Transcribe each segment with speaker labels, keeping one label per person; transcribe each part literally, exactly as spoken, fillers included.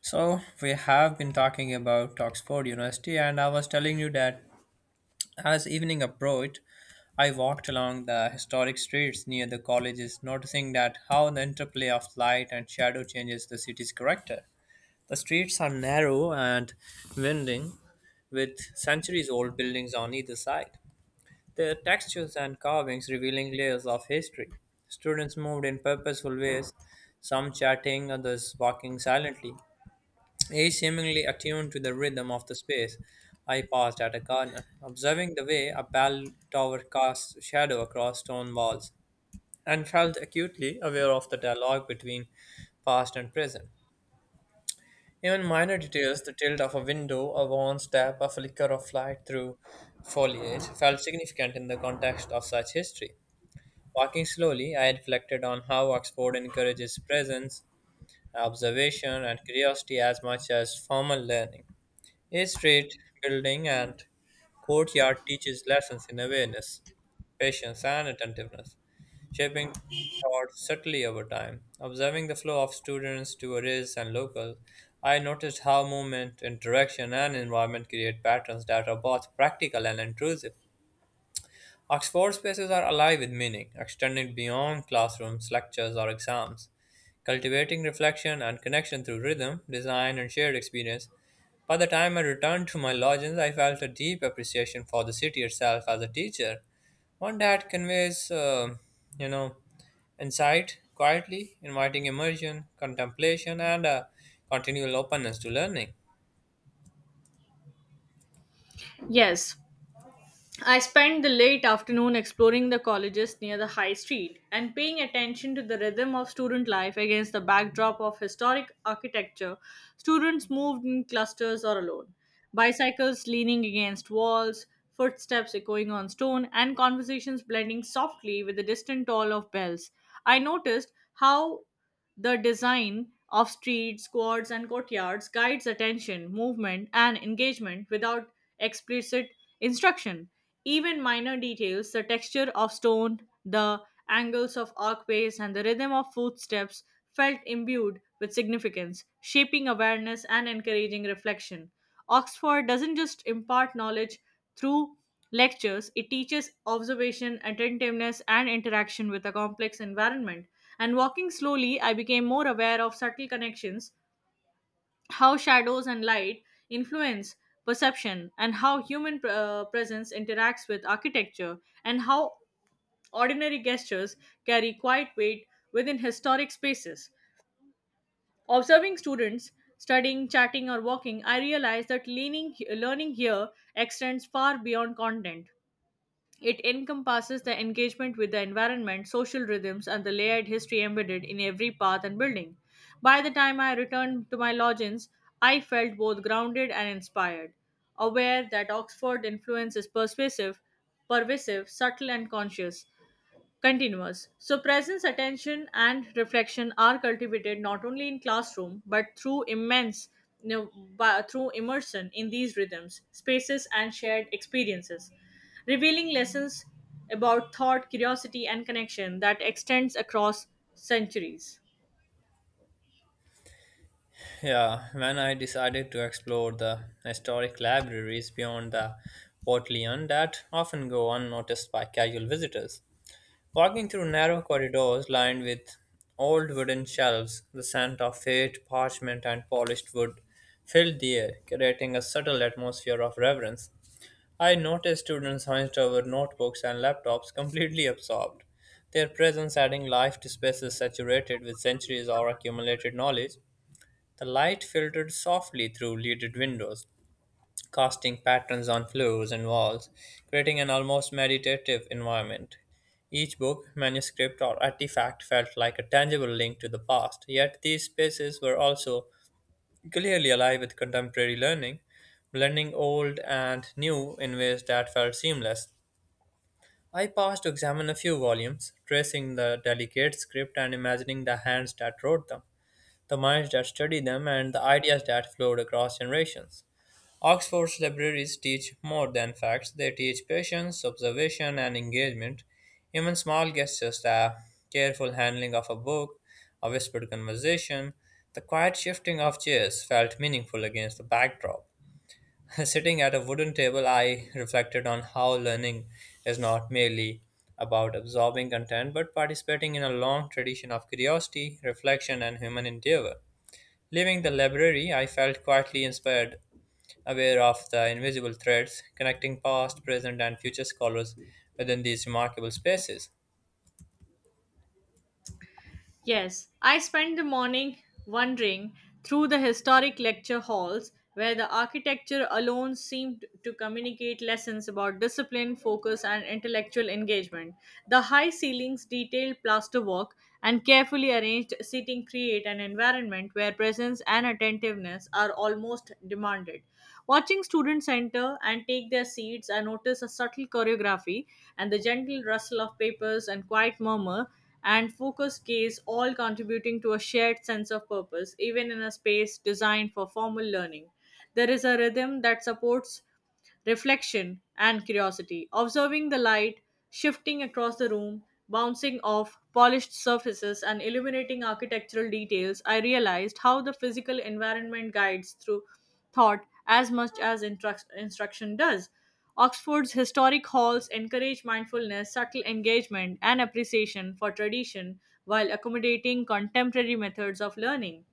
Speaker 1: So we have been talking about Oxford University, and I was telling you that as evening approached, I walked along the historic streets near the colleges, noticing that how the interplay of light and shadow changes the city's character. The streets are narrow and winding, with centuries-old buildings on either side. Their textures and carvings revealing layers of history. Students moved in purposeful ways, some chatting, others walking silently, each seemingly attuned to the rhythm of the space. I paused at a corner, observing the way a bell tower cast shadow across stone walls, and felt acutely aware of the dialogue between past and present. Even minor details, the tilt of a window, a worn step, a flicker of light through foliage, felt significant in the context of such history. Walking slowly, I reflected on how Oxford encourages presence, observation, and curiosity as much as formal learning. A street building and courtyard teaches lessons in awareness, patience, and attentiveness, shaping thought subtly over time. Observing the flow of students, tourists, and locals, I noticed how movement, interaction, and environment create patterns that are both practical and intrusive. Oxford spaces are alive with meaning, extending beyond classrooms, lectures, or exams. Cultivating reflection and connection through rhythm, design, and shared experience. By the time I returned to my lodgings, I felt a deep appreciation for the city itself as a teacher, one that conveys, uh, you know, insight quietly, inviting immersion, contemplation, and a continual openness to learning.
Speaker 2: Yes, I spent the late afternoon exploring the colleges near the high street and paying attention to the rhythm of student life against the backdrop of historic architecture. Students moved in clusters or alone, bicycles leaning against walls, footsteps echoing on stone, and conversations blending softly with the distant toll of bells. I noticed how the design of streets, quads, and courtyards guides attention, movement, and engagement without explicit instruction. Even minor details, the texture of stone, the angles of archways, and the rhythm of footsteps felt imbued with significance, shaping awareness and encouraging reflection. Oxford doesn't just impart knowledge, through lectures, it teaches observation, attentiveness, and interaction with a complex environment. And walking slowly, I became more aware of subtle connections, how shadows and light influence perception, and how human uh, presence interacts with architecture, and how ordinary gestures carry quiet weight within historic spaces. Observing students studying, chatting, or walking, I realized that leaning, learning here extends far beyond content. It encompasses the engagement with the environment, social rhythms, and the layered history embedded in every path and building. By the time I returned to my lodgings, I felt both grounded and inspired, aware that Oxford influence is persuasive, pervasive, subtle, and conscious, continuous. So, presence, attention, and reflection are cultivated not only in classroom but through immense you know, by, through immersion in these rhythms, spaces, and shared experiences, revealing lessons about thought, curiosity, and connection that extends across centuries.
Speaker 1: Yeah, when I decided to explore the historic libraries beyond the Portland that often go unnoticed by casual visitors. Walking through narrow corridors lined with old wooden shelves, the scent of fate, parchment, and polished wood filled the air, creating a subtle atmosphere of reverence. I noticed students hunched over notebooks and laptops, completely absorbed, their presence adding life to spaces saturated with centuries of accumulated knowledge. The light filtered softly through leaded windows, casting patterns on floors and walls, creating an almost meditative environment. Each book, manuscript, or artifact felt like a tangible link to the past, yet these spaces were also clearly alive with contemporary learning, blending old and new in ways that felt seamless. I paused to examine a few volumes, tracing the delicate script and imagining the hands that wrote them the minds that study them, and the ideas that flowed across generations. Oxford's libraries teach more than facts, they teach patience, observation, and engagement. Even small gestures, the careful handling of a book, a whispered conversation, the quiet shifting of chairs felt meaningful against the backdrop. Sitting at a wooden table, I reflected on how learning is not merely about absorbing content but participating in a long tradition of curiosity, reflection, and human endeavor. Leaving the library, I felt quietly inspired, aware of the invisible threads connecting past, present, and future scholars within these remarkable spaces.
Speaker 2: Yes, I spent the morning wandering through the historic lecture halls where the architecture alone seemed to communicate lessons about discipline, focus, and intellectual engagement. The high ceilings, detailed plasterwork, and carefully arranged seating create an environment where presence and attentiveness are almost demanded. Watching students enter and take their seats, I notice a subtle choreography and the gentle rustle of papers and quiet murmur and focus case, all contributing to a shared sense of purpose, even in a space designed for formal learning. There is a rhythm that supports reflection, and curiosity. Observing the light shifting across the room, bouncing off polished surfaces, and illuminating architectural details, I realized how the physical environment guides through thought as much as instruct- instruction does. Oxford's historic halls encourage mindfulness, subtle engagement, and appreciation for tradition while accommodating contemporary methods of learning.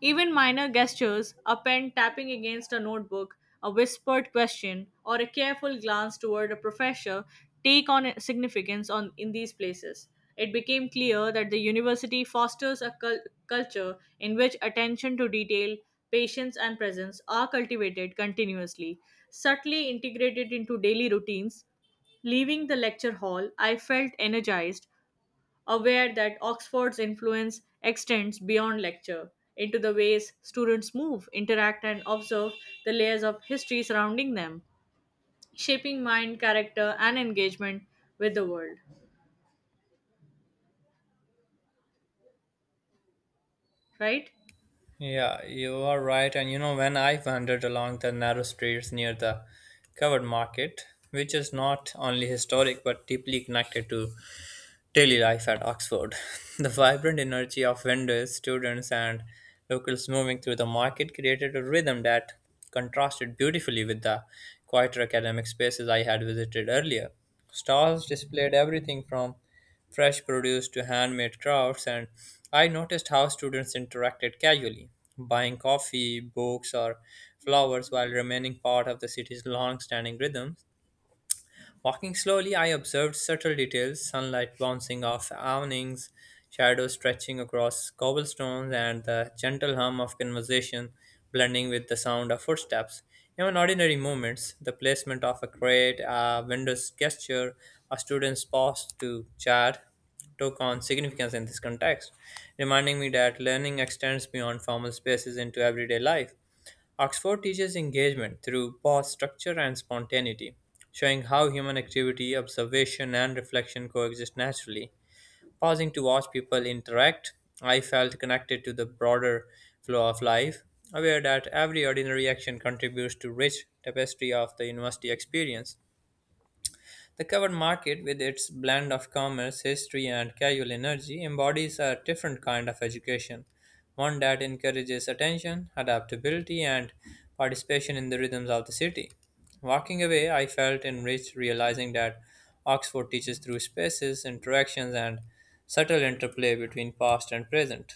Speaker 2: Even minor gestures, a pen tapping against a notebook, a whispered question, or a careful glance toward a professor take on significance on, in these places. It became clear that the university fosters a cul- culture in which attention to detail, patience, and presence are cultivated continuously, subtly integrated into daily routines. Leaving the lecture hall, I felt energized, aware that Oxford's influence extends beyond lecture into the ways students move, interact, and observe the layers of history surrounding them, shaping mind, character, and engagement with the world. Right?
Speaker 1: Yeah, you are right. And you know, when I wandered along the narrow streets near the covered market, which is not only historic but deeply connected to daily life at Oxford. The vibrant energy of vendors, students, and locals moving through the market created a rhythm that contrasted beautifully with the quieter academic spaces I had visited earlier. Stalls displayed everything from fresh produce to handmade crafts, and I noticed how students interacted casually, buying coffee, books, or flowers while remaining part of the city's long standing rhythms. Walking slowly, I observed subtle details sunlight bouncing off awnings, shadows stretching across cobblestones, and the gentle hum of conversation blending with the sound of footsteps. Even ordinary movements, the placement of a crate, a vendor's gesture, a student's pause to chat, took on significance in this context, reminding me that learning extends beyond formal spaces into everyday life. Oxford teaches engagement through pause structure and spontaneity, showing how human activity, observation, and reflection coexist naturally. Pausing to watch people interact, I felt connected to the broader flow of life, aware that every ordinary action contributes to rich tapestry of the university experience. The covered market, with its blend of commerce, history, and casual energy, embodies a different kind of education, one that encourages attention, adaptability, and participation in the rhythms of the city. Walking away, I felt enriched realizing that Oxford teaches through spaces, interactions, and subtle interplay between past and present.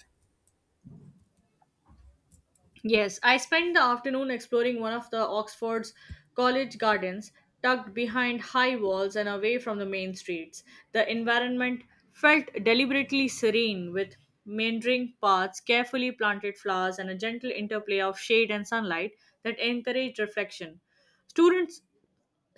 Speaker 2: Yes, I spent the afternoon exploring one of the Oxford's college gardens, tucked behind high walls and away from the main streets. The environment felt deliberately serene, with meandering paths, carefully planted flowers, and a gentle interplay of shade and sunlight that encouraged reflection. Students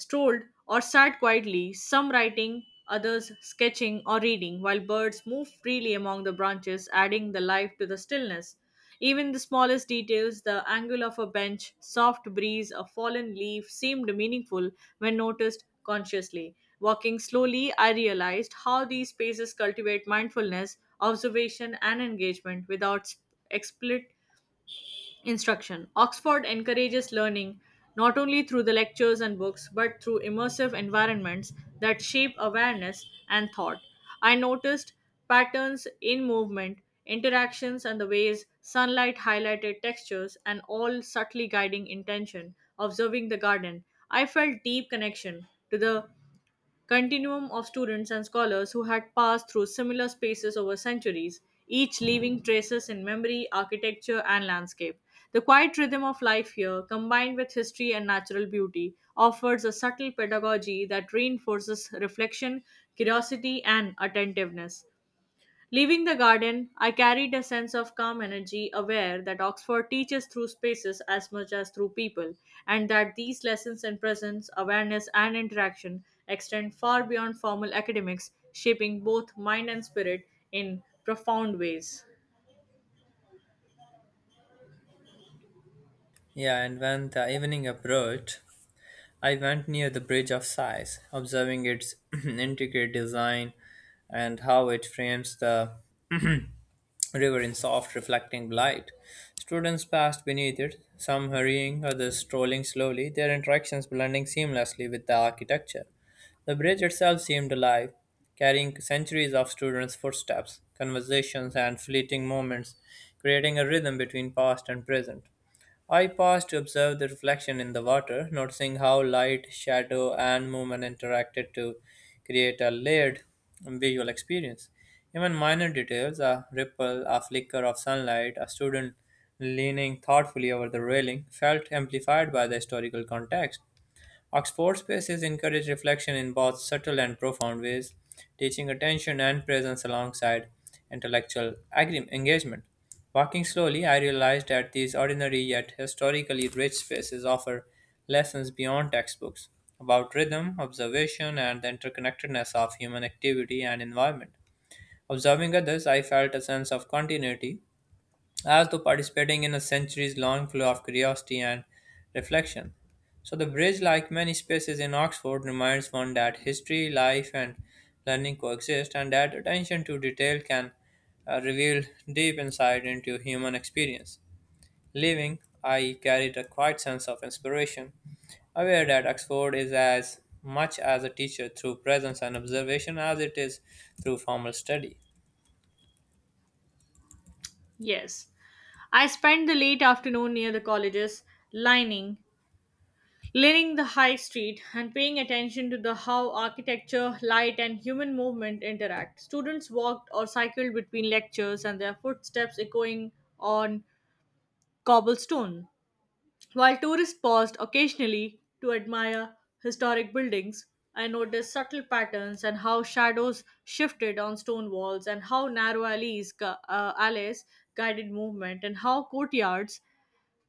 Speaker 2: strolled or sat quietly, some writing, others sketching or reading, while birds moved freely among the branches, adding the life to the stillness. Even the smallest details, the angle of a bench, soft breeze, a fallen leaf, seemed meaningful when noticed consciously. Walking slowly, I realized how these spaces cultivate mindfulness, observation, and engagement without sp- expli- Instruction. Oxford encourages learning not only through the lectures and books but through immersive environments that shape awareness and thought. I noticed patterns in movement, interactions, and the ways sunlight highlighted textures, and all subtly guiding intention. Observing the garden, I felt deep connection to the continuum of students and scholars who had passed through similar spaces over centuries, each leaving traces in memory, architecture, and landscape. The quiet rhythm of life here, combined with history and natural beauty, offers a subtle pedagogy that reinforces reflection, curiosity, and attentiveness. Leaving the garden, I carried a sense of calm energy, aware that Oxford teaches through spaces as much as through people, and that these lessons in presence, awareness, and interaction extend far beyond formal academics, shaping both mind and spirit in profound ways.
Speaker 1: Yeah, and when the evening approached, I went near the Bridge of Sighs, observing its intricate design and how it frames the river in soft, reflecting light. Students passed beneath it, some hurrying, others strolling slowly, their interactions blending seamlessly with the architecture. The bridge itself seemed alive, carrying centuries of students' footsteps, conversations, and fleeting moments, creating a rhythm between past and present. I paused to observe the reflection in the water, noticing how light, shadow, and movement interacted to create a layered visual experience. Even minor details, a ripple, a flicker of sunlight, a student leaning thoughtfully over the railing, felt amplified by the historical context. Oxford spaces encourage reflection in both subtle and profound ways, teaching attention and presence alongside intellectual agre- engagement. Walking slowly, I realized that these ordinary yet historically rich spaces offer lessons beyond textbooks about rhythm, observation, and the interconnectedness of human activity and environment. Observing others, I felt a sense of continuity as though participating in a centuries long flow of curiosity and reflection. So, the bridge, like many spaces in Oxford, reminds one that history, life, and learning coexist, and that attention to detail can uh, reveal deep insight into human experience. Leaving, I E, carried a quiet sense of inspiration, aware that Oxford is as much as a teacher through presence and observation as it is through formal study.
Speaker 2: Yes. I spent the late afternoon near the colleges, lining Learning the high street and paying attention to the how architecture, light, and human movement interact. Students walked or cycled between lectures and their footsteps echoing on cobblestone. While tourists paused occasionally to admire historic buildings, I noticed subtle patterns and how shadows shifted on stone walls and how narrow alleys, gu- uh, alleys guided movement and how courtyards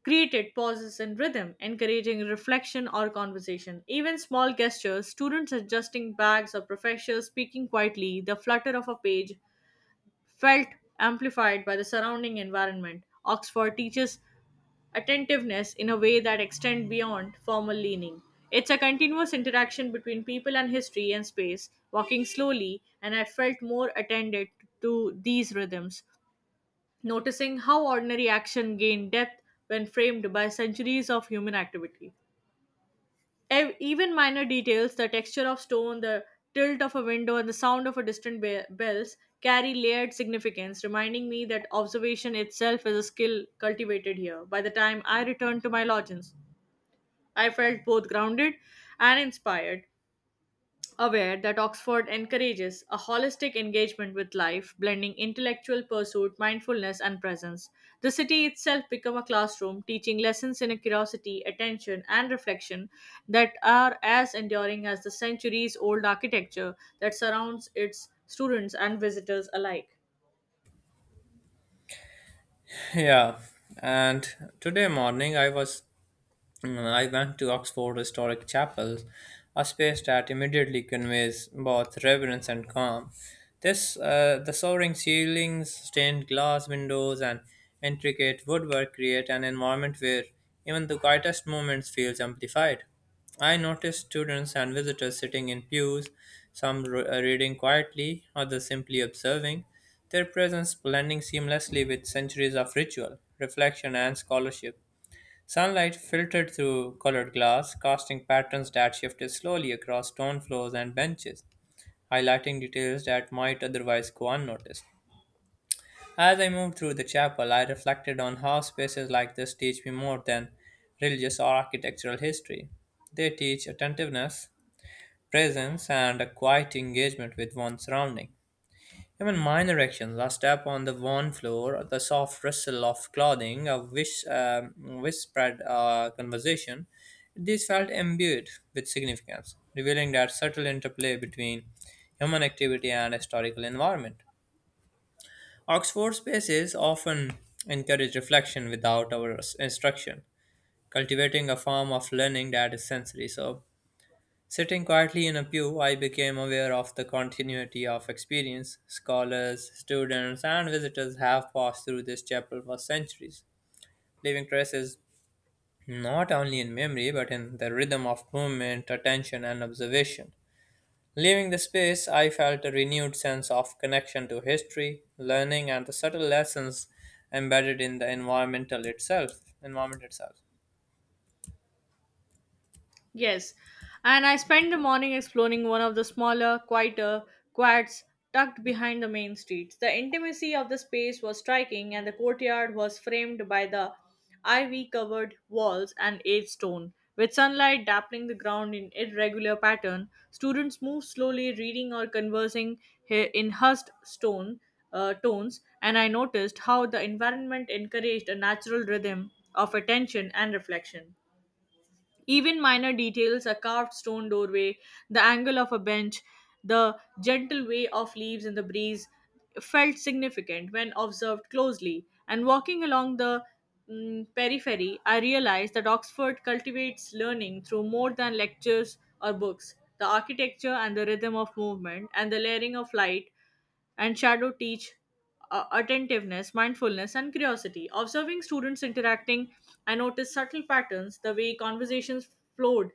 Speaker 2: created pauses in rhythm, encouraging reflection or conversation. Even small gestures, students adjusting bags or professors speaking quietly, the flutter of a page felt amplified by the surrounding environment. Oxford teaches attentiveness in a way that extends beyond formal leaning. It's a continuous interaction between people and history and space, walking slowly, and I felt more attended to these rhythms noticing how ordinary action gained depth when framed by centuries of human activity. Ev- Even minor details, the texture of stone, the tilt of a window, and the sound of a distant be- bells carry layered significance, reminding me that observation itself is a skill cultivated here. By the time I returned to my lodgings, I felt both grounded and inspired, aware that Oxford encourages a holistic engagement with life, blending intellectual pursuit, mindfulness, and presence. The city itself become a classroom, teaching lessons in curiosity, attention, and reflection that are as enduring as the centuries-old architecture that surrounds its students and visitors alike.
Speaker 1: Yeah, and today morning I was Mm, I went to Oxford Historic Chapel, a space that immediately conveys both reverence and calm. This, uh, the soaring ceilings, stained glass windows, and intricate woodwork create an environment where even the quietest moments feels amplified. I noticed students and visitors sitting in pews, some re- uh, reading quietly, others simply observing, their presence blending seamlessly with centuries of ritual, reflection, and scholarship. Sunlight filtered through colored glass, casting patterns that shifted slowly across stone floors and benches, highlighting details that might otherwise go unnoticed. As I moved through the chapel, I reflected on how spaces like this teach me more than religious or architectural history. They teach attentiveness, presence, and a quiet engagement with one's surroundings. Even minor actions, a step on the worn floor, the soft rustle of clothing, a whis- um, whispered uh, conversation, these felt imbued with significance, revealing that subtle interplay between human activity and historical environment. Oxford spaces often encourage reflection without our instruction, cultivating a form of learning that is sensory. So, sitting quietly in a pew, I became aware of the continuity of experience scholars, students, and visitors have passed through this chapel for centuries, leaving traces not only in memory but in the rhythm of movement, attention, and observation. Leaving the space, I felt a renewed sense of connection to history, learning, and the subtle lessons embedded in the environmental itself. Environment itself.
Speaker 2: Yes, and I spent the morning exploring one of the smaller, quieter quads tucked behind the main streets. The intimacy of the space was striking, and the courtyard was framed by the ivy covered walls and aged stone. With sunlight dappling the ground in irregular pattern, students moved slowly, reading or conversing he- in hushed stone uh, tones, and I noticed how the environment encouraged a natural rhythm of attention and reflection. Even minor details, a carved stone doorway, the angle of a bench, the gentle way of leaves in the breeze felt significant when observed closely. And walking along the mm, periphery, I realized that Oxford cultivates learning through more than lectures or books. The architecture and the rhythm of movement and the layering of light and shadow teach uh, attentiveness, mindfulness, and curiosity. Observing students interacting, I noticed subtle patterns, the way conversations flowed,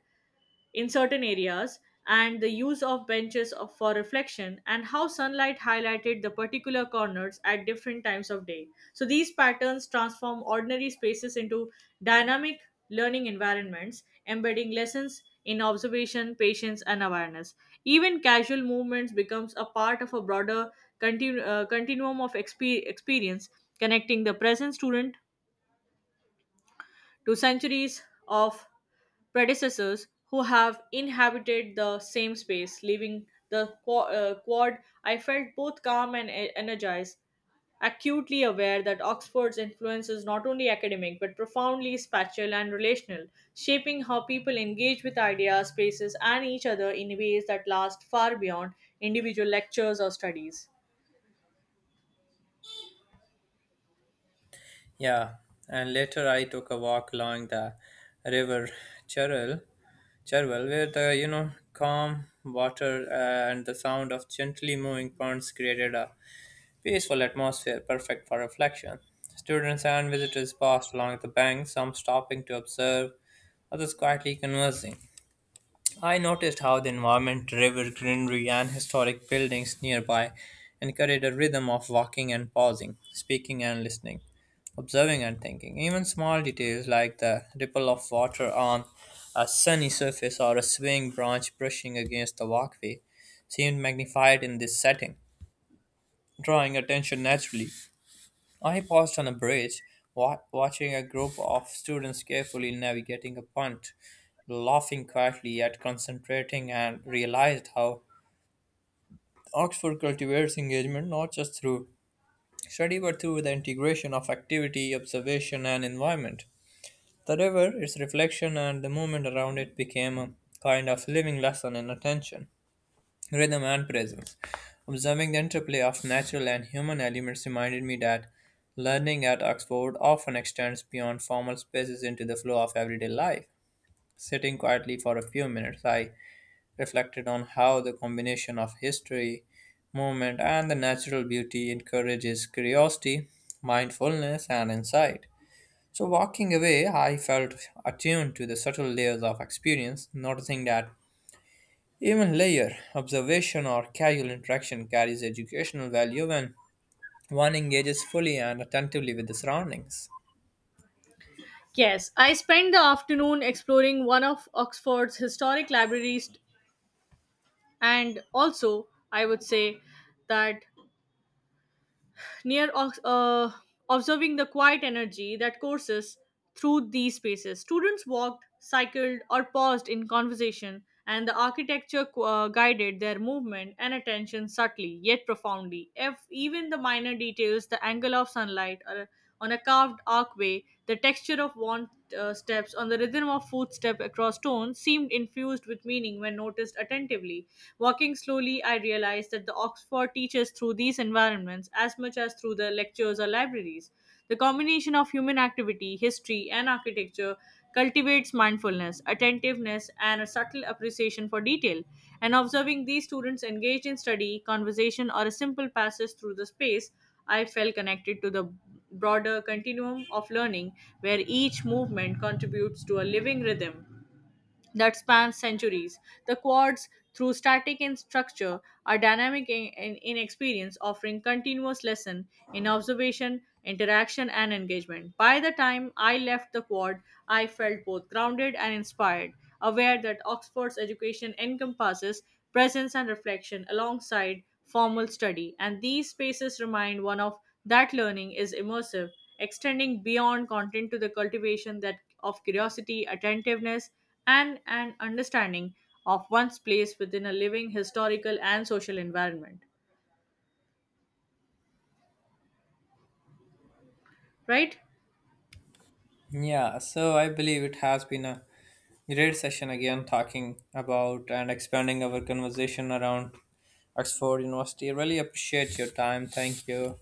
Speaker 2: in certain areas and the use of benches of- for reflection and how sunlight highlighted the particular corners at different times of day, so these patterns transform ordinary spaces into dynamic learning environments, embedding lessons in observation, patience, and awareness. Even casual movements becomes a part of a broader continu- uh, continuum of expe- experience connecting the present student to centuries of predecessors who have inhabited the same space, leaving the qua- uh, quad. I felt both calm and e- energized, acutely aware that Oxford's influence is not only academic but profoundly spatial and relational, shaping how people engage with ideas, spaces, and each other in ways that last far beyond individual lectures or studies.
Speaker 1: Yeah, and later I took a walk along the river Cheril Cherwell, where the you know calm water uh, and the sound of gently moving ponds created a peaceful atmosphere perfect for reflection. Students and visitors passed along the bank, some stopping to observe, others quietly conversing. I noticed how the environment, river, greenery, and historic buildings nearby encouraged a rhythm of walking and pausing, speaking and listening, observing and thinking. Even small details like the ripple of water on a sunny surface or a swaying branch brushing against the walkway seemed magnified in this setting, drawing attention naturally. I paused on a bridge, wa- watching a group of students carefully navigating a punt, laughing quietly yet concentrating, and realized how Oxford cultivates engagement not just through study but through the integration of activity, observation, and environment. The river, its reflection, and the movement around it became a kind of living lesson in attention. Rhythm and presence. Observing the interplay of natural and human elements reminded me that learning at Oxford often extends beyond formal spaces into the flow of everyday life. Sitting quietly for a few minutes, I reflected on how the combination of history, movement, and the natural beauty encourages curiosity, mindfulness, and insight. So, walking away, I felt attuned to the subtle layers of experience, noticing that even layer observation or casual interaction carries educational value when one engages fully and attentively with the surroundings.
Speaker 2: Yes, I spent the afternoon exploring one of Oxford's historic libraries, and also I would say that near ox- uh, observing the quiet energy that courses through these spaces. Students walked, cycled, or paused in conversation, and the architecture uh, guided their movement and attention subtly yet profoundly. If even the minor details, the angle of sunlight, or on a carved archway, the texture of worn uh, steps on the rhythm of footstep across stone seemed infused with meaning when noticed attentively. Walking slowly, I realized that the Oxford teaches through these environments as much as through the lectures or libraries. The combination of human activity, history, and architecture cultivates mindfulness, attentiveness, and a subtle appreciation for detail. And observing these students engaged in study, conversation, or a simple passage through the space, I felt connected to the broader continuum of learning where each movement contributes to a living rhythm that span centuries. The quads, through static in structure, are dynamic in, in, in experience, offering continuous lesson in observation, interaction, and engagement. By the time I left the quad, I felt both grounded and inspired, aware that Oxford's education encompasses presence and reflection alongside formal study, and these spaces remind one of that learning is immersive, extending beyond content to the cultivation that of curiosity, attentiveness, and an understanding of one's place within a living historical and social environment, right?
Speaker 1: Yeah, so I believe it has been a great session again talking about and expanding our conversation around Oxford University. I really appreciate your time. Thank you.